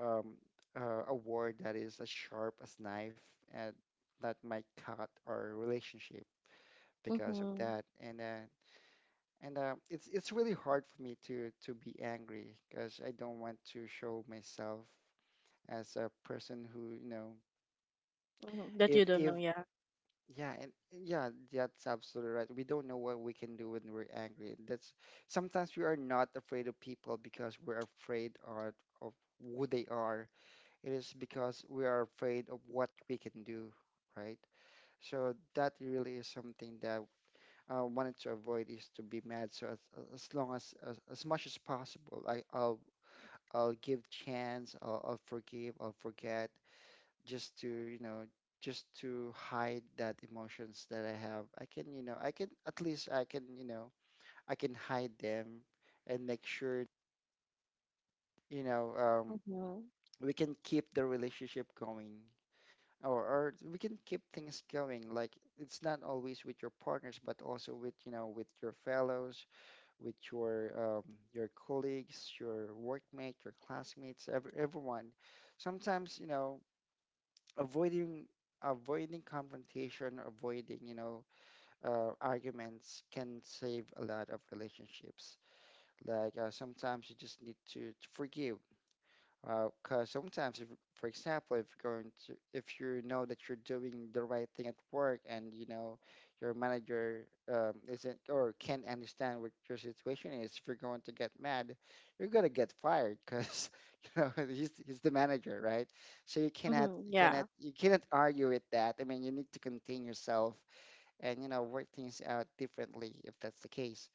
C: um, a word that is as sharp as knife, and that might cut our relationship because of
A: Mhm.
C: that. And it's really hard for me to be angry, because I don't want to show myself as a person who.
A: Mhm. That
C: if
A: you don't
C: if
A: know, yeah.
C: yeah, and yeah, that's absolutely right. We don't know what we can do when we're angry. That's, sometimes we are not afraid of people because we're afraid of who they are. It is because we are afraid of what we can do, right? So that really is something that I wanted to avoid is to be mad. So as as much as possible, I'll I'll give chance, I'll forgive, I'll forget, just to just to hide that emotions that I have. I can, you know, I can, at least I can, I can hide them and make sure, you know um,
A: Mhm.
C: we can keep the relationship going. Or we can keep things going. Like, it's not always with your partners but also with, you know, with your fellows, with your colleagues, your workmate, your classmates, everyone sometimes, you know, avoiding, avoiding confrontation, avoiding, arguments can save a lot of relationships. Like, sometimes you just need to forgive. Because sometimes, if, for example, if you're going to, if you know that you're doing the right thing at work, and you know your manager isn't or can't understand what your situation is, if you're going to get mad, you're gonna get fired because you know he's the manager, right? So you cannot,
A: Mhm.
C: you cannot
A: Yeah.
C: you cannot argue with that. I mean, you need to contain yourself and, you know, work things out differently if that's the case.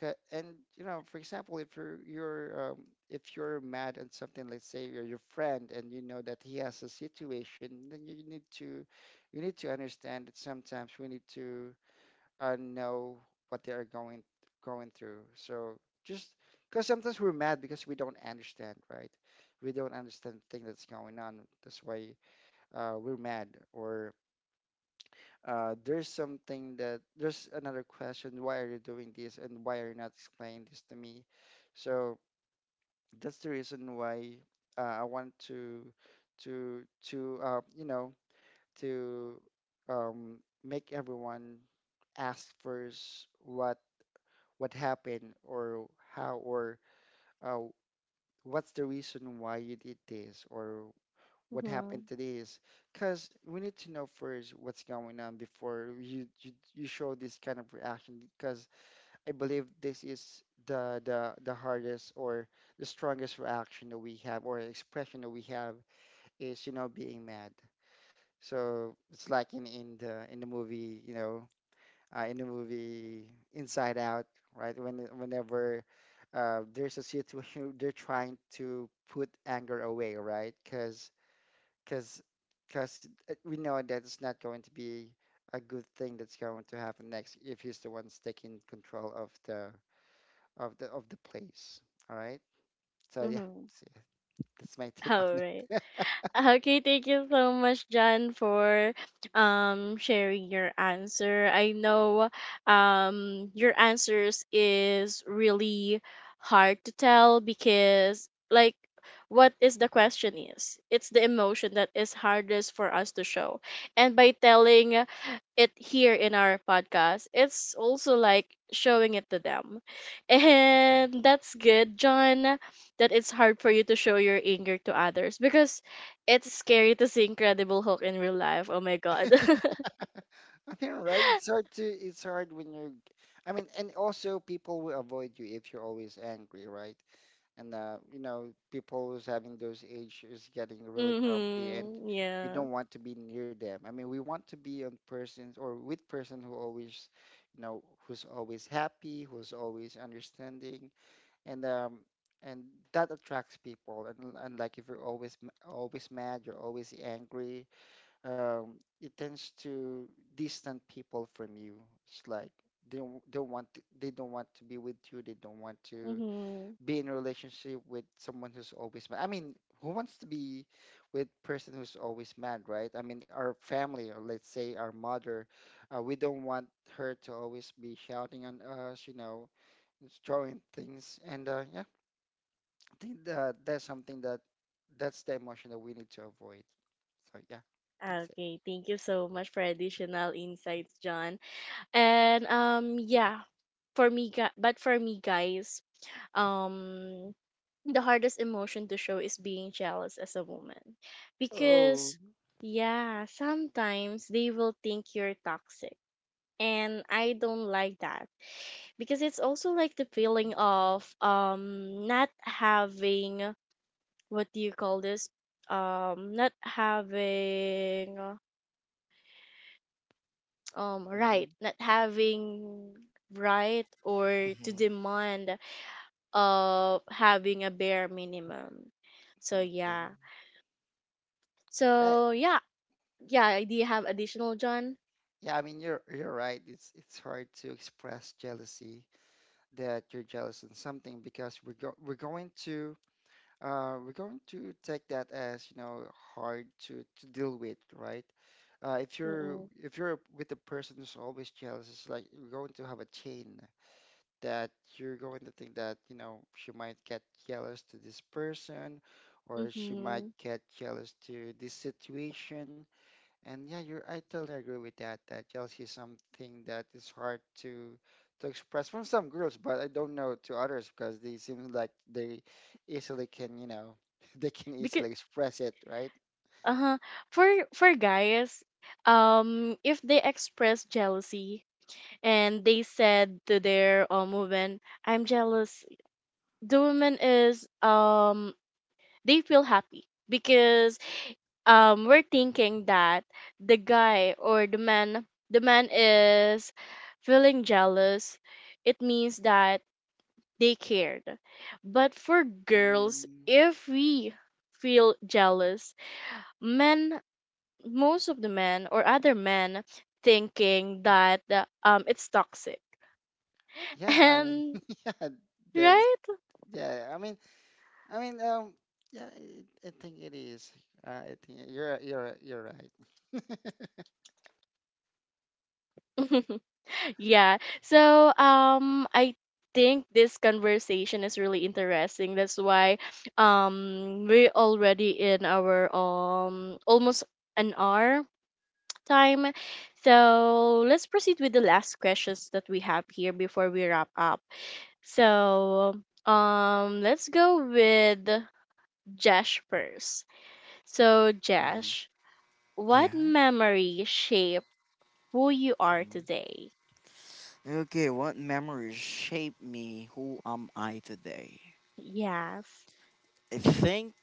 C: And you know, for example, if you're you're if you're mad at something, let's say you're your friend, and you know that he has a situation, then you need to, you need to understand that sometimes we need to know what they are going through. So, just, because sometimes we're mad because we don't understand, right? We don't understand the thing that's going on. That's why we're mad, or there's something, that there's another question, why are you doing this and why are you not explaining this to me. So that's the reason why I want to you know, to um, make everyone ask first, what happened, or how, or uh, what's the reason why you did this, or what happened
A: Mhm.
C: today is, because we need to know first what's going on before you show this kind of reaction. Because I believe this is the hardest, or the strongest reaction that we have, or expression that we have is, you know, being mad. So it's like in, in the movie, you know, in the movie Inside Out, right? When, whenever there's a situation, they're trying to put anger away, right? Because because because we know that it's not going to be a good thing that's going to happen next if he's the one's taking control of the place. All right. So yeah,
A: Mhm.
C: so yeah, that's my take on
A: All right.
C: it.
A: Okay, thank you so much, John, for sharing your answer. I know your answers is really hard to tell because like what is the question is it's the emotion that is hardest for us to show, and by telling it here in our podcast, it's also like showing it to them.
C: Mhm.
A: And that's good, John, that it's hard for you to show your anger to others because it's scary to see Incredible Hulk in real life. Oh my god.
C: I mean, right? It's hard to, it's hard when you're. I mean, and also people will avoid you if you're always angry, right? And you know, people who's having those age is getting really grumpy, and
A: Mhm.
C: we
A: Yeah.
C: don't want to be near them. I mean, we want to be on persons or with person who always, you know, who's always happy, who's always understanding, and and that attracts people. And like, if you're always always mad, you're always angry, um, it tends to distant people from you. It's like they don't want to, they don't want to be with you, they don't want to
A: Mhm.
C: be in a relationship with someone who's always mad. I mean, who wants to be with person who's always mad, right? I mean, our family, or let's say our mother, we don't want her to always be shouting on us, you know, throwing things. And yeah, I think that that's something that, that's the emotion that we need to avoid. So yeah, that's it.
A: Okay, thank you so much for additional insights, John. And yeah, but for me guys, um the hardest emotion to show is being jealous as a woman.
C: Oh,
A: Because yeah, sometimes they will think you're toxic. And I don't like that because it's also like the feeling of not having, what do you call this, not having right,
C: mhm,
A: not having right or to
B: Mhm.
A: demand of having a bare minimum. So yeah.
C: okay. Yeah,
A: So yeah, yeah. Do you have additional, John?
C: yeah. I mean, you're right. It's hard to express jealousy, that you're jealous in something, because we're going to, we're going to take that as, you know, hard to deal with, right? If you're,
A: Mm-mm.
C: if you're with a person who's always jealous, it's like you're going to have a chain that you're going to think that, you know, she might get jealous to this person, or she might
A: Mm-hmm.
C: get jealous to this situation. And yeah, you're, I totally agree with that. That jealousy is something that is hard to express from some girls, but I don't know to others, because they seem like they easily can, you know, they can
A: Because,
C: easily express it, right?
A: uh-huh, for for guys, if they express jealousy and they said to their woman, I'm jealous. The woman is, they feel happy because we're thinking that the guy or the man is feeling jealous. It means that they cared. But for girls,
C: Mm,
A: if we feel jealous, men, most of the men or other men thinking that it's toxic.
C: yeah, I mean,
A: And
C: yeah, that's,
A: right?
C: yeah. I mean, yeah, I think it is. I think you're right.
A: Yeah. So I think this conversation is really interesting. That's why we're already in our almost an hour time. So let's proceed with the last questions that we have here before we wrap up. So let's go with Jash first. So
B: Mhm.
A: Jash, what
B: Yeah.
A: memory shape who you are
B: Mhm.
A: today?
B: Okay, what memories shape me? Who am I today?
A: Yes.
B: I think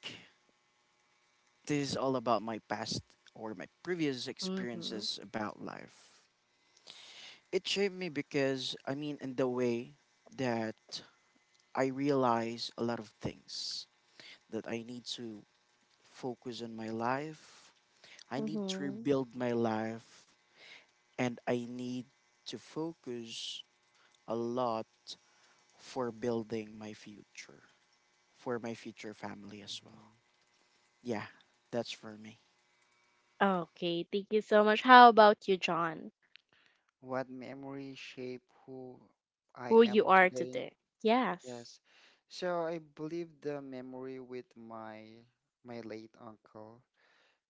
B: this is all about my past or my previous
A: Mm-hmm.
B: experiences about life. It shaped me because, I mean, in the way that I realize a lot of things that I need to focus on my life, I need to
A: Mm-hmm.
B: rebuild my life, and I need to focus a lot for building my future, for my future family as well.
C: Mhm.
B: Yeah, that's for me.
A: Okay, thank you so much. How about you, John?
C: What memory shape who I
A: Who you
C: am
A: are
C: today?
A: today? Yes.
C: Yes. So I believe the memory with my late uncle,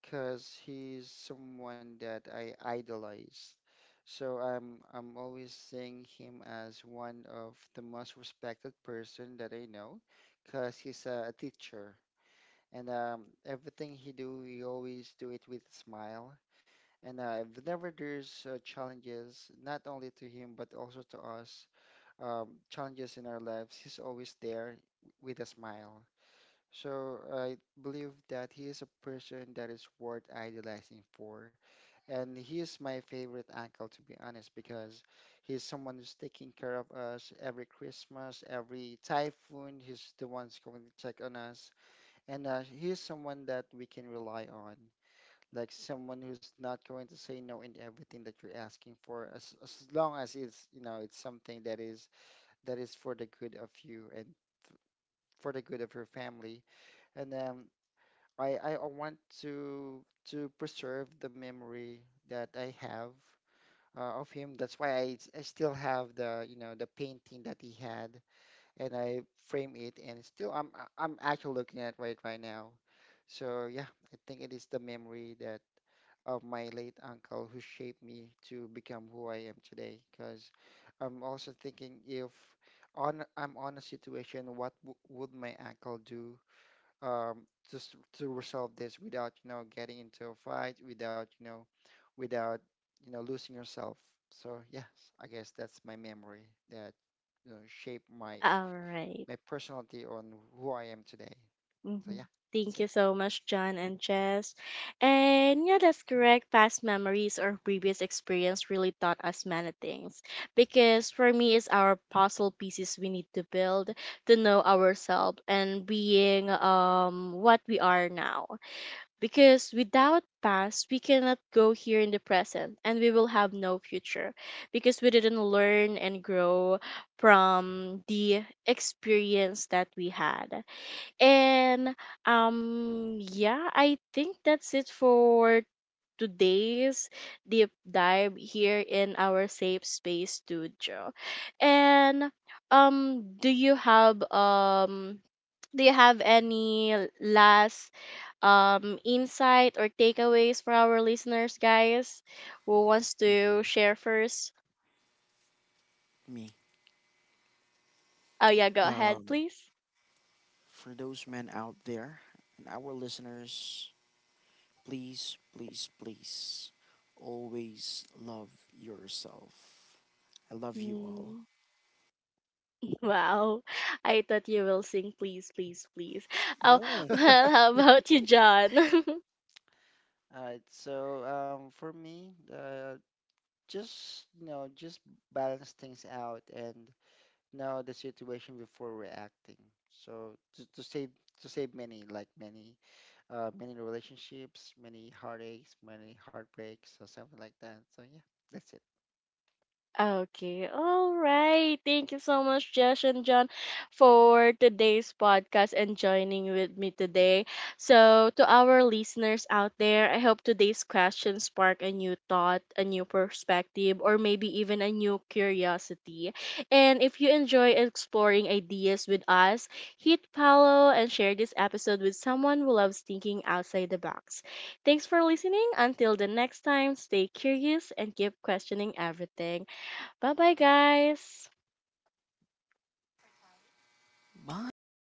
C: cause he's someone that I idolized. So I'm always seeing him as one of the most respected person that I know, cause he's a teacher. And everything he do, he always do it with a smile. And whenever there's challenges, not only to him but also to us, challenges in our lives, he's always there with a smile. So I believe that he is a person that is worth idolizing for. And he is my favorite uncle, to be honest, because he's someone who's taking care of us every Christmas, every typhoon. He's the one's going to check on us. And he's someone that we can rely on. Like, someone who's not going to say no in everything that you're asking for, as long as it's, you know, it's something that is, that is for the good of you and for the good of your family. And I want to preserve the memory that I have of him. That's why I still have the, you know, the painting that he had, and I frame it, and still I am actually looking at it right now. So yeah, I think it is the memory that, of my late uncle who shaped me to become who I am today. Because I'm also thinking if, on I'm on a situation, what w would my uncle do, um, just to resolve this without, you know, getting into a fight, without, you know, without, you know, losing yourself. So yes, I guess that's my memory that, you know, shaped my
A: All right.
C: my personality on who I am today. So
A: Mm-hmm.
C: yeah, that's
A: Thank you
C: it.
A: so much, John and Jess. And yeah, that's correct. Past memories or previous experience really taught us many things. Because for me, it's our puzzle pieces we need to build to know ourselves and being what we are now. Because without past, we cannot go here in the present and we will have no future because we didn't learn and grow from the experience that we had. And yeah, I think that's it for today's deep dive here in our safe space studio. And um do you have um do you have any last insight or takeaways for our listeners, guys? Who wants to
B: Hmm.
A: share first?
B: Me.
A: Oh yeah, go ahead
B: Um,
A: please.
B: for those men out there and our listeners, please, please, please always love yourself. I love you all.
A: Wow. I thought you will sing please, please, please. Oh,
B: No.
A: well, how about you, John?
C: All right, so for me, just, you know, just balance things out and know the situation before reacting. So to save, to save many, like, many many relationships, many heartaches, many heartbreaks or something like that. So yeah, that's it.
A: Okay, all right. Thank you so much, Josh and John, for today's podcast and joining with me today. So, to our listeners out there, I hope today's question spark a new thought, a new perspective, or maybe even a new curiosity. And if you enjoy exploring ideas with us, hit follow and share this episode with someone who loves thinking outside the box. Thanks for listening. Until the next time, stay curious and keep questioning everything. Bye bye, guys.
B: Bye.